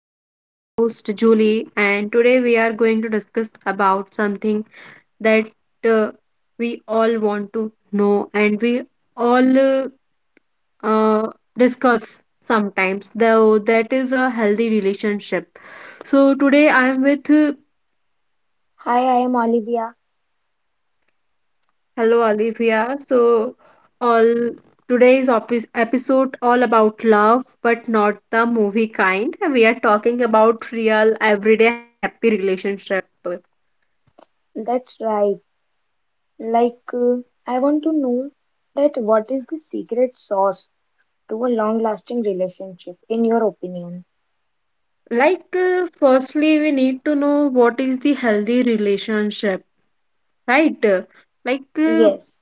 I am your host Julie and today we are going to discuss about something that uh, we all want to know and we all uh, discuss sometimes though that is a healthy relationship. So today I am with Hi, I am Olivia. Hello, Olivia. So, all today's opis episode all about love, but not the movie kind. We are talking about real, everyday, happy relationship. That's right. Like, uh, I want to know that what is the secret sauce to a long-lasting relationship, in your opinion? Firstly, we need to know what is the healthy relationship, right? Like, uh, Yes,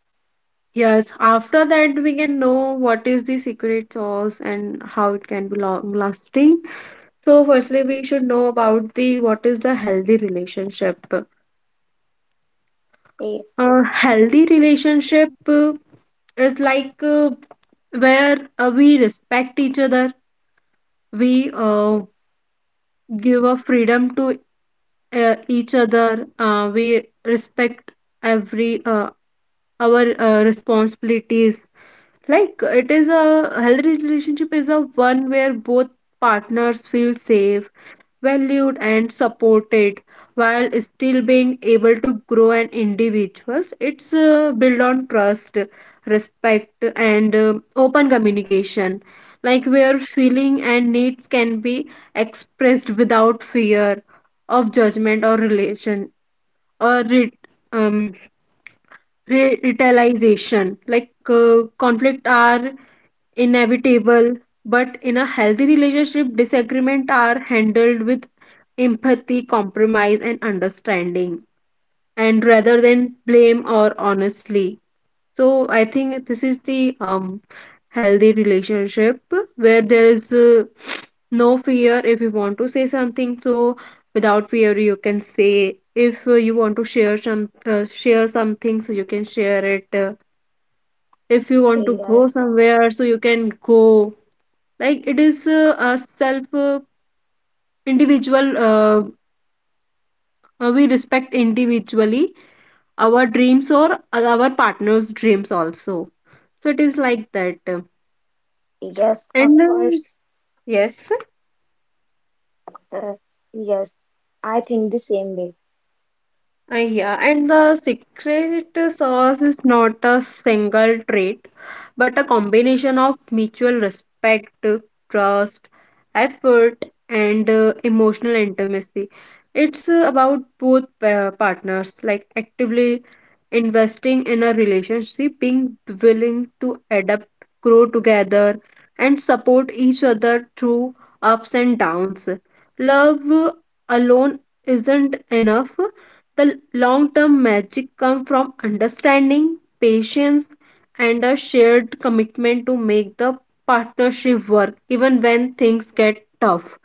yes. After that, we can know what is the secret sauce and how it can be long lasting. So, firstly, we should know about the what is the healthy relationship. A yes, healthy relationship is like where we respect each other, we give a freedom to each other, we respect every our responsibilities. Like, it is a healthy relationship is a one where both partners feel safe, valued and supported, while still being able to grow an individuals. It's built on trust, respect and open communication, like where feeling and needs can be expressed without fear of judgment or relation or um, retaliation. Like conflict are inevitable, but in a healthy relationship, disagreements are handled with empathy, compromise, and understanding, and rather than blame or honestly. So I think this is the healthy relationship where there is no fear if you want to say something. So without fear, you can say. If you want to share some share something, so you can share it. If you want to go yes, somewhere, so you can go like it is a self individual we respect individually our dreams or our partner's dreams also, so it is like that yes, of and course. yes. Uh, yes, I think the same way. Yeah, and the secret sauce is not a single trait, but a combination of mutual respect, trust, effort, and emotional intimacy. It's about both partners, like actively investing in a relationship, being willing to adapt, grow together, and support each other through ups and downs. Love alone isn't enough. The long term magic comes from understanding, patience, and a shared commitment to make the partnership work even when things get tough.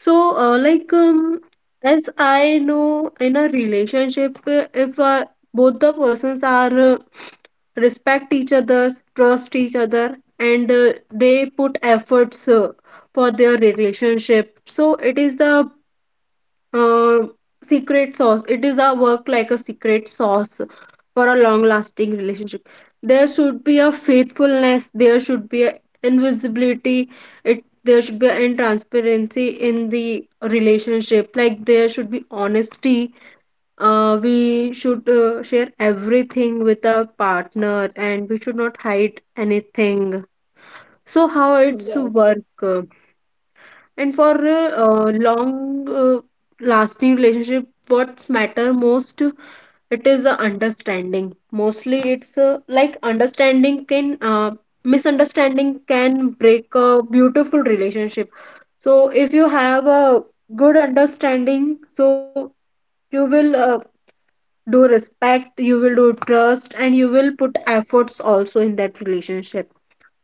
So, as I know, in a relationship, if both the persons are respect each other, trust each other, and they put efforts for their relationship, so it is the um, secret sauce. It is a work like a secret sauce for a long lasting relationship. There should be a faithfulness, there should be a invisibility, it there should be an transparency in the relationship. Like there should be honesty. We should share everything with our partner and we should not hide anything. So how it's Yes, work? And for a long lasting relationship, what's matter most, it is a understanding. Mostly it's like understanding can, misunderstanding can break a beautiful relationship. So if you have a good understanding, so you will do respect, you will do trust, and you will put efforts also in that relationship.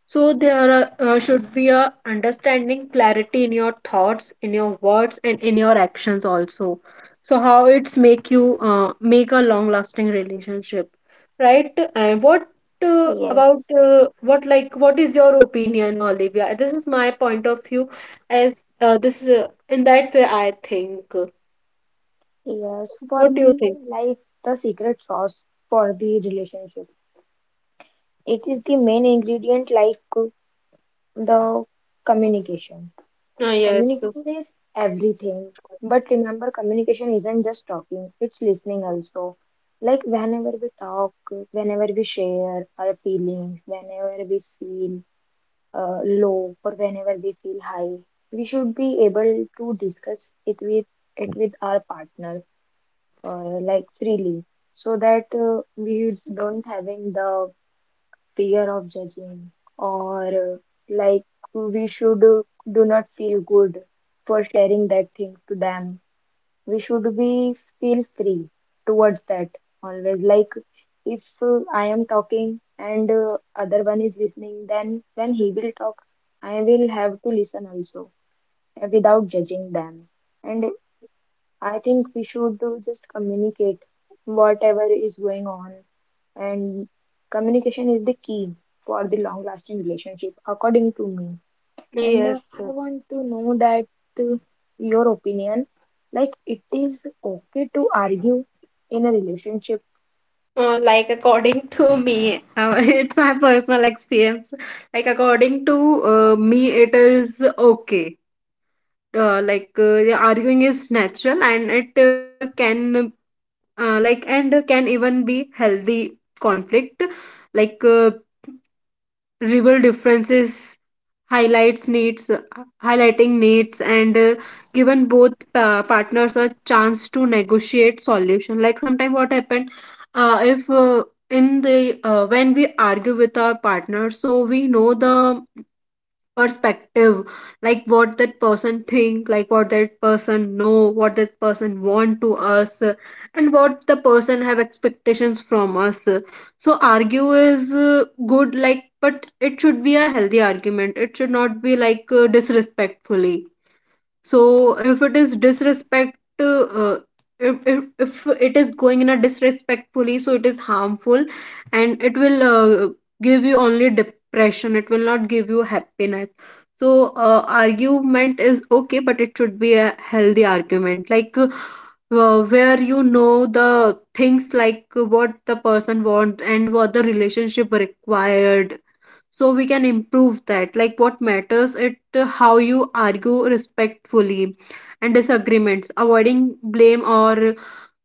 So there are, should be a understanding clarity in your thoughts, in your words, and in your actions also. So how it's make you make a long lasting relationship, right? And what yes, about what like what is your opinion, Olivia? This is my point of view. As this is in that way, I think. yes. For What do you me, think? like the secret sauce for the relationship, it is the main ingredient, the communication. Yes. Communication is everything. But remember, communication isn't just talking, it's listening also. Like whenever we talk, whenever we share our feelings, whenever we feel low or whenever we feel high, we should be able to discuss it with our partner like freely so that we don't having the fear of judging or like we should do not feel good for sharing that thing to them, we should be feel free towards that always. Like if I am talking and other one is listening, then when he will talk I will have to listen also, without judging them. And I think we should just communicate whatever is going on, and communication is the key for the long lasting relationship according to me. And Yes. I want to know that uh, your opinion, like it is okay to argue in a relationship. Like according to me it's my personal experience, like according to me it is okay, the arguing is natural and it can and can even be healthy conflict. Like rival differences, highlights needs highlighting needs, and given both partners a chance to negotiate solution. Like sometimes what happened, if in the when we argue with our partner, so we know the perspective, like what that person think, like what that person know, what that person want to us, and what the person have expectations from us. So argue is good, like, but it should be a healthy argument, it should not be like disrespectfully. So if it is disrespect uh, if it is going in a disrespectfully, so it is harmful, and it will give you only depression, it will not give you happiness. So argument is okay, but it should be a healthy argument, like where you know the things, like what the person want and what the relationship required, so we can improve that. Like what matters it how you argue respectfully, and disagreements avoiding blame or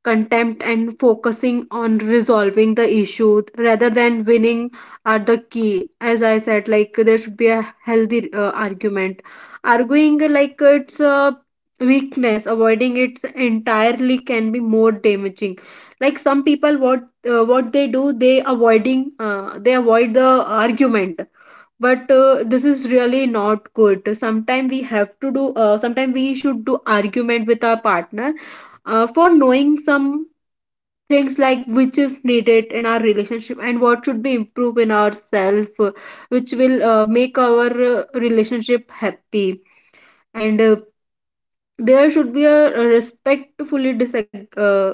contempt and focusing on resolving the issue rather than winning are the key. As I said, like there should be a healthy argument. Arguing like it's a weakness, avoiding it entirely can be more damaging. Like some people what they do, they avoiding they avoid the argument, but this is really not good. Sometimes we have to do, sometimes we should do argument with our partner, for knowing some things like which is needed in our relationship and what should be improved in ourself, which will make our relationship happy. And There should be a, respectfully disag- uh,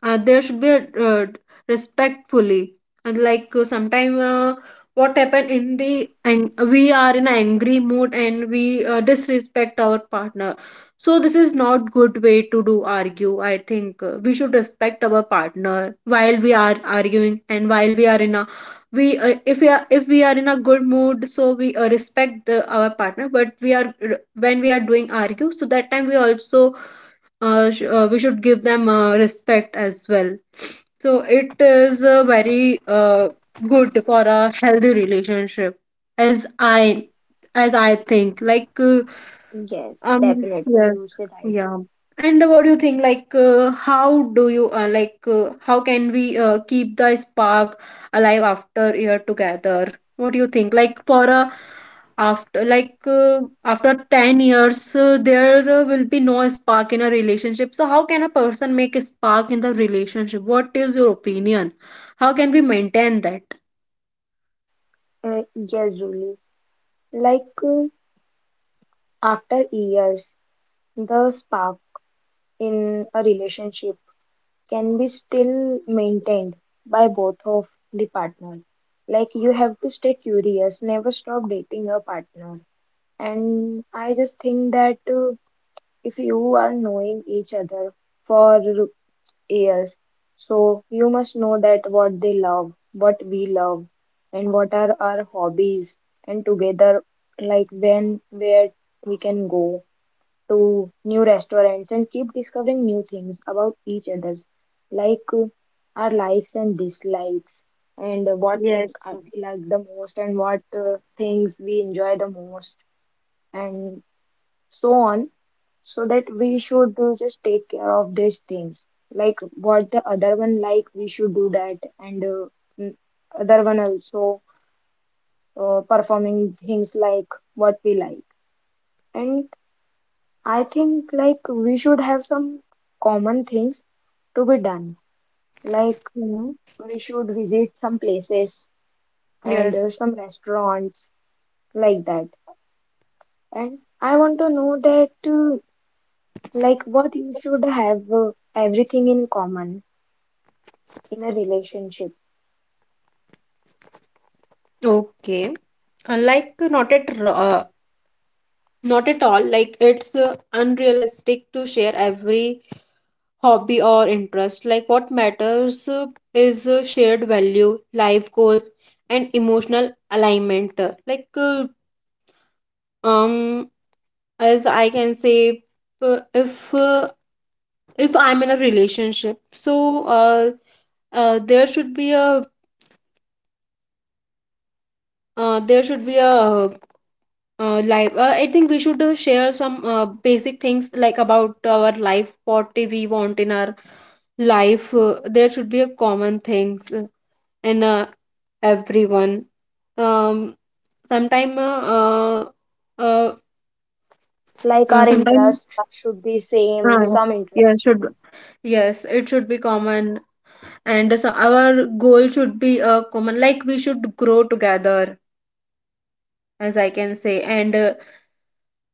uh, there should be a uh, respectfully, and like sometime what happened in the and we are in an angry mood and we disrespect our partner, so this is not good way to do argue, I think. We should respect our partner while we are arguing, and while we are in a, we if we are, in a good mood, so we respect the, our partner, but we are, when we are doing argue, so that time we also we should give them respect as well. So it is very good for a healthy relationship, as i as I think. Yes, definitely, you Yes, said right. yeah. And what do you think? Like, how do you like? How can we keep the spark alive after year together? What do you think? Like for a after after 10 years there will be no spark in a relationship. So how can a person make a spark in the relationship? What is your opinion, how can we maintain that? Yes, Julie, like uh, after years the spark in a relationship can be still maintained by both of the partner. Like you have to stay curious, never stop dating your partner. And I just think that if you are knowing each other for years, so you must know that what they love, what we love, and what are our hobbies, and together, like when, where we can go to new restaurants and keep discovering new things about each others, like uh, our likes and dislikes, and what thing Yes. We like the most, and what things we enjoy the most, and so on. So that we should just take care of these things, like what the other one like we should do that, and mm, other one also performing things like what we like. And I think like we should have some common things to be done. Like Mhm. we should visit some places and Yes. some restaurants like that. And I want to know that like what you should have everything in common in a relationship. Okay. Uh, like uh, not at r- uh, Not at all. Like, it's unrealistic to share every hobby or interest. Like, what matters is shared value, life goals, and emotional alignment. Like, uh, um, as I can say, uh, if uh, if I'm in a relationship, so uh, there should be a there should be a life. I think we should share some basic things like about our life, what we want in our life. There should be a common things in everyone. Um sometime uh Like our sometime interest should be same, Uh, some yeah, interest. should yes it should be common, and so our goal should be common, like we should grow together, as I can say. And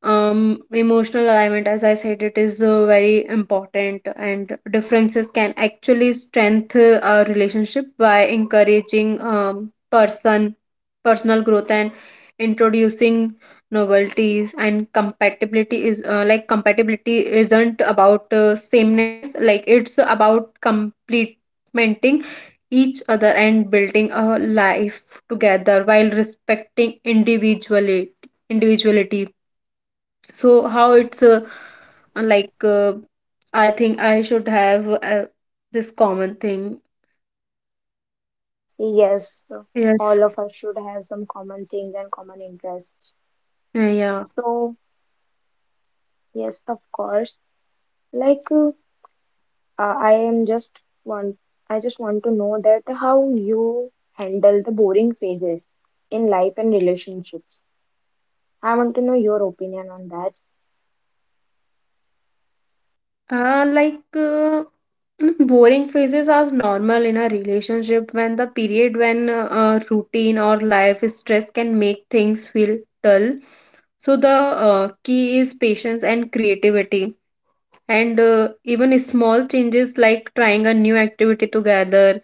Emotional alignment, as I said, it is very important, and differences can actually strengthen a relationship by encouraging personal growth and introducing novelties. And compatibility is compatibility isn't about sameness, like it's about complementing each other and building a life together while respecting individuality. So how it's like uh, I think I should have this common thing. Yes, so Yes. all of us should have some common things and common interests. Uh, yeah So yes, of course. Like uh, Uh, I am just want I just want to know that how you handle the boring phases in life and relationships. I want to know your opinion on that. uh, like uh, Boring phases are normal in a relationship when the period when routine or life stress can make things feel dull. So the key is patience and creativity, and even small changes like trying a new activity together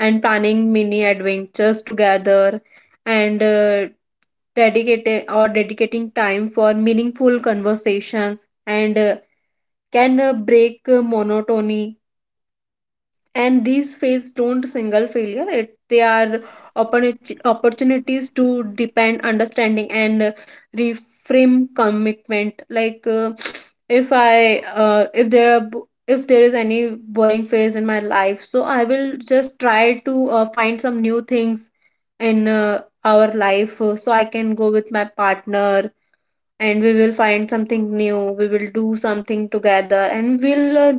and planning mini adventures together, and dedicating or dedicating time for meaningful conversations and can break monotony. And these phase don't single failure, it they are opportunities to depend understanding, and reframe commitment. Like uh, if i uh, if there are if there is any boring phase in my life, so I will just try to find some new things in our life, so I can go with my partner, and we will find something new, we will do something together, and we'll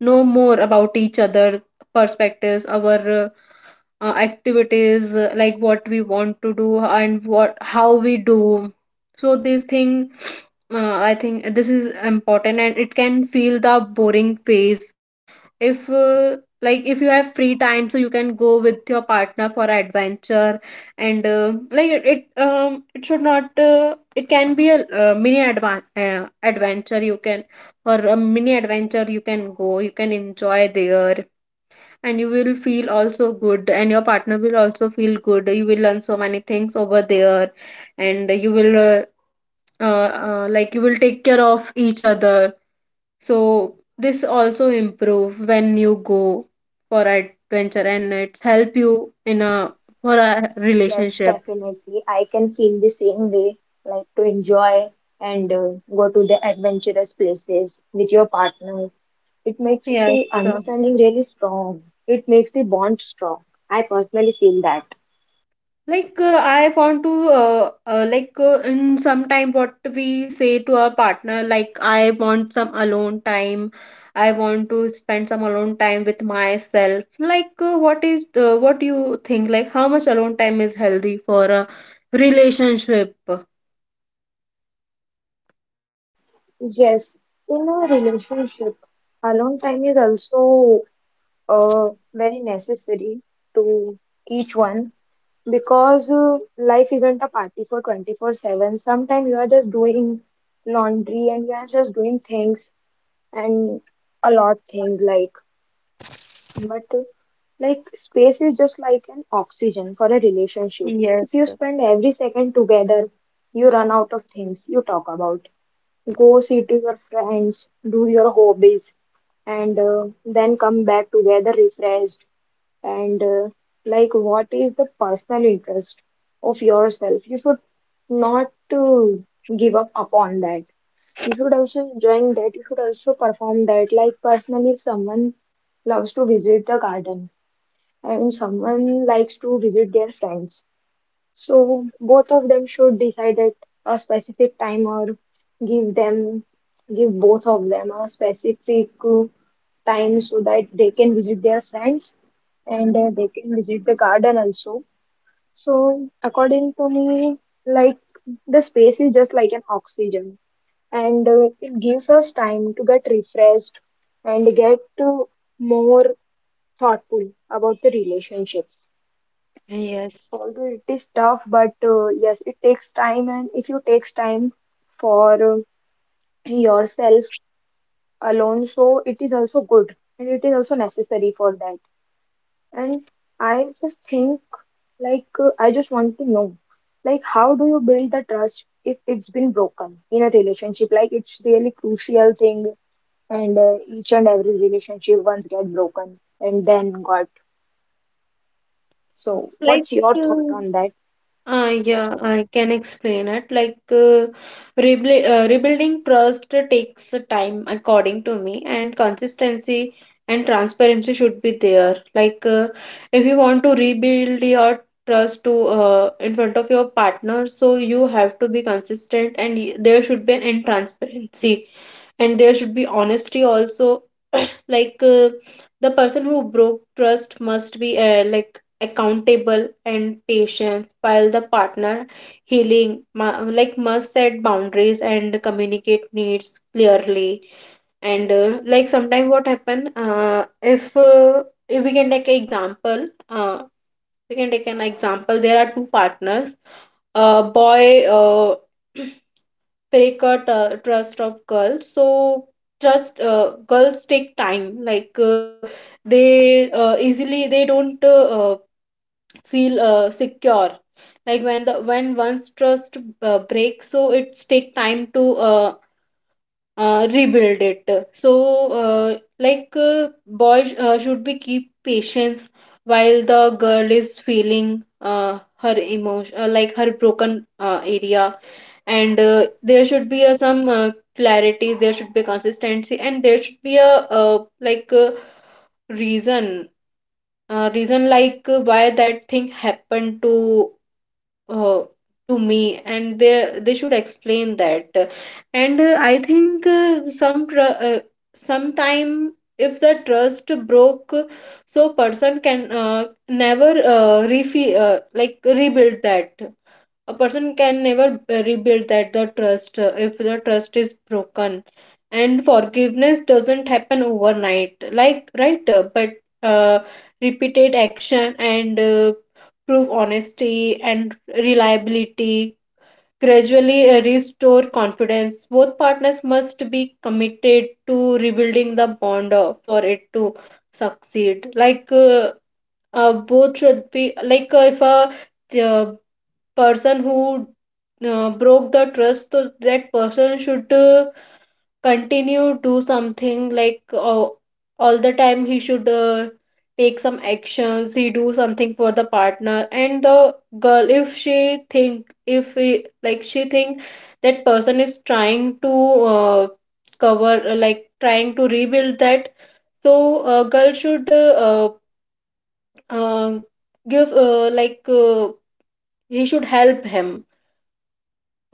know more about each other, perspectives, our activities, like what we want to do and what how we do. So this thing, I think this is important, and it can feel the boring phase. If like if you have free time, so you can go with your partner for adventure. And like it should not, it can be a mini advan adventure you can, or a mini adventure, you can go, you can enjoy there, and you will feel also good, and your partner will also feel good, you will learn so many things over there. And you will uh, uh, uh, like you will take care of each other. So this also improve when you go for adventure, and it's help you in a, for a Yes, relationship. definitely. I can feel the same way, like to enjoy and go to the adventurous places with your partner. It makes the Yes, sir. understanding really strong. It makes the bond strong. I personally feel that. Like, I want to in some time what we say to our partner like, I want some alone time. I want to spend some alone time with myself. Like, what do you think? Like, how much alone time is healthy for a relationship? Yes, in a relationship, alone time is also uh, very necessary to each one, because life isn't a party for 24/7. Sometimes you are just doing laundry and you are just doing things and a lot things like, but like space is just like an oxygen for a relationship. If you Yes, spend every second together, you run out of things you talk about. Go see to your friends, do your hobbies, and then come back together refreshed. And like what is the personal interest of yourself, you should not to give up upon that, you should also enjoying that, you should also perform that. Like personally, if someone loves to visit the garden and someone likes to visit their friends, so both of them should decide at a specific time, or give them, give both of them a specific time so that they can visit their friends and they can visit the garden also. So, according to me, like the space is just like an oxygen, and it gives us time to get refreshed and get more thoughtful about the relationships. yes. Although it is tough, but yes, it takes time, and if you takes time for yourself alone, so it is also good and it is also necessary for that. And I just think, I just want to know, like, how do you build the trust if it's been broken in a relationship? Like, it's really crucial thing, and each and every relationship once get broken and then got. So, Like what's your thought uh, on that? uh, yeah, I can explain it. Like, rebuilding trust takes time, according to me, and consistency and transparency should be there. Like, if you want to rebuild your trust to in front of your partner, so you have to be consistent, and there should be an in transparency, and there should be honesty also. Like, the person who broke trust must be like accountable and patient, while the partner healing like must set boundaries and communicate needs clearly. And like sometimes what happen, if we can take an example, we can take an example, there are two partners, uh, boy, break a trust of girls, so trust, girls take time, like they easily they don't feel secure. Like when the when one's trust breaks, so it's take time to uh, rebuild it. So like, boys should be keep patience while the girl is feeling her emotion, like her broken area. And there should be a, some clarity, there should be consistency, and there should be a reason, reason, like, why that thing happened uh, to me, and they should explain that. And I think sometime, if the trust broke, so person can never like rebuild that. A person can never rebuild that the trust if the trust is broken. And forgiveness doesn't happen overnight, like, right, but uh, repeated action and prove honesty and reliability gradually restore confidence. Both partners must be committed to rebuilding the bond for it to succeed. Like, both should be like, if a uh, person who broke the trust, so that person should continue do something, like, all the time he should take some actions, he do something for the partner. And the girl, if she think, if he, like she think that person is trying to uh, cover like trying to rebuild that, so girl should uh, give like he should help him.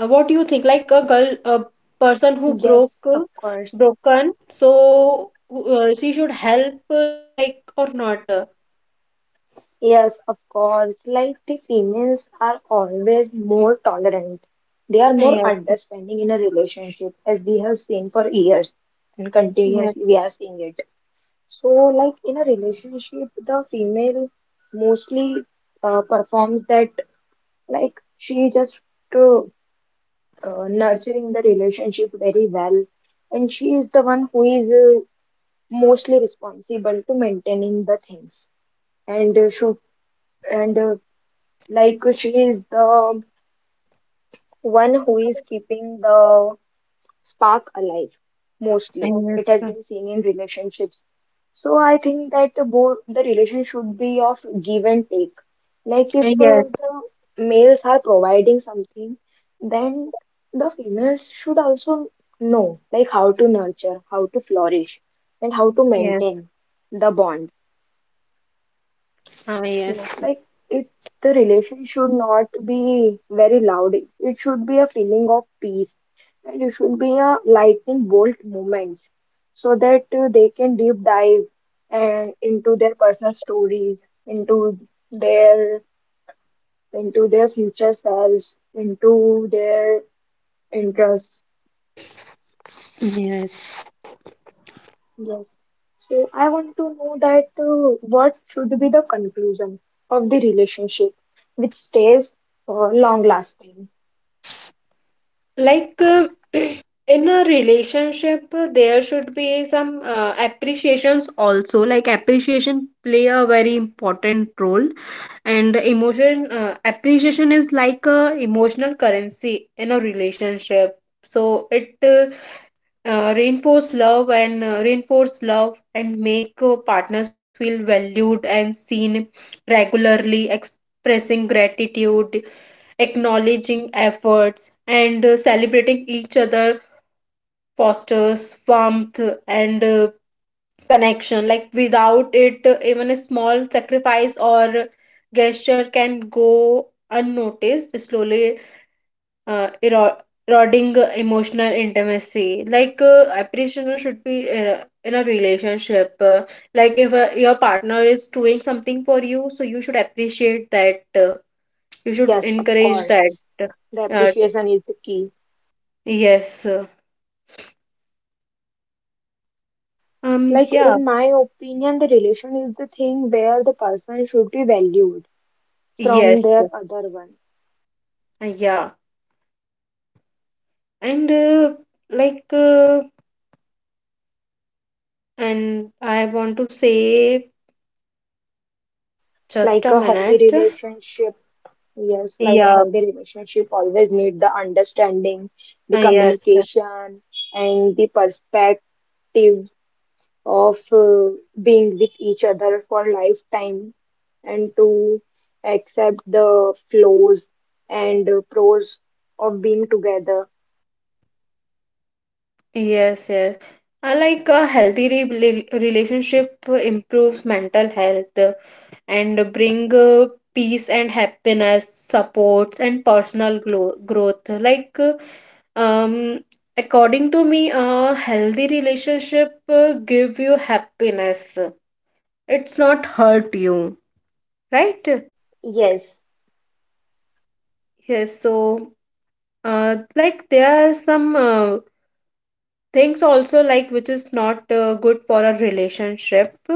What do you think? Like a girl, a person who broke, Yes, of course. broken, so she should help, like or not? Yes, of course. Like the females are always more tolerant. They are more Yes, understanding in a relationship, as we have seen for years, and yes, continuously we are seeing it. So, like in a relationship, the female mostly performs that, like she just uh, nurturing the relationship very well, and she is the one who is mostly responsible to maintaining the things, and uh, should and like she is the one who is keeping the spark alive mostly. It yes, has been seen in relationships. So I think that the both the relation should be of give and take. Like if yes, the yes, males are providing something, then the females should also know like how to nurture, how to flourish, and how to yes, maintain the bond. ah, Yes, yes, like it, the relation should not be very loud. It should be a feeling of peace, and it should be a lightning bolt moments, so that they can deep dive and into their personal stories, into their into their future selves, into their interests. yes. Yes. So I want to know that what should be the conclusion of the relationship, which stays long lasting. Like, in a relationship, there should be some appreciations also. Like, appreciation play a very important role, and emotion appreciation is like a emotional currency in a relationship. So it reinforce love and make partners feel valued and seen. Regularly expressing gratitude, acknowledging efforts, and celebrating each other fosters warmth and connection. Like, without it, even a small sacrifice or gesture can go unnoticed, slowly uh, ero- eroding emotional intimacy. Like, appreciation should be in a relationship like if your partner is doing something for you, so you should appreciate that, you should Yes, of encourage that. course. The uh, appreciation is the key. yes uh, um Like, yeah in my opinion, the relation is the thing where the person should be valued from yes, their other one. uh, yeah and uh, like uh, and I want to say, just Like a a healthy minute. relationship, yes, like a yeah healthy relationship always need the understanding, uh, the yes uh, communication, and the perspective of being with each other for lifetime and to accept the flaws and pros of being together. Yes, yes. Like a healthy relationship improves mental health, and bring peace and happiness, supports and personal growth. Like um, according to me, a healthy relationship give you happiness. It's not hurt you, right? Yes, Yes. So, like there are some things also, like which is not good for a relationship,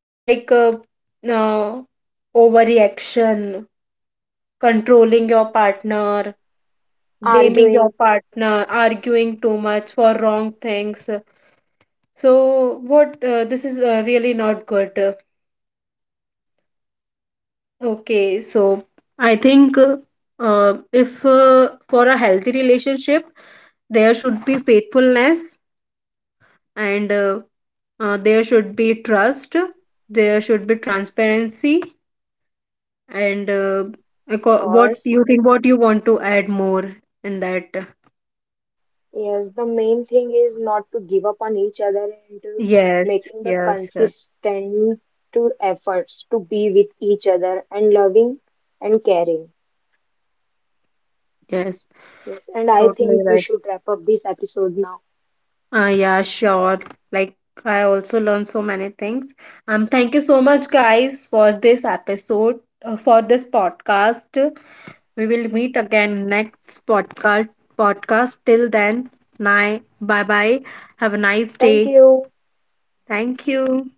like uh, overreaction, controlling your partner, blaming your arguing, partner, arguing too much for wrong things. So, what this is really not good. Okay, so I think, if for a healthy relationship, there should be faithfulness, and there should be trust, there should be transparency, And uh, of acco- what course. you think, what you want to add more in that? Yes, the main thing is not to give up on each other and to Yes, making the yes, uh, consistent to efforts to be with each other, and loving and caring. yes, Yes, and I totally think we right. should wrap up this episode now. Yeah, sure. Like, I also learned so many things. Thank you so much, guys, for this episode, for this podcast. We will meet again next podcast. Podcast. Till then, bye, bye. Have a nice Thank day. you. Thank you.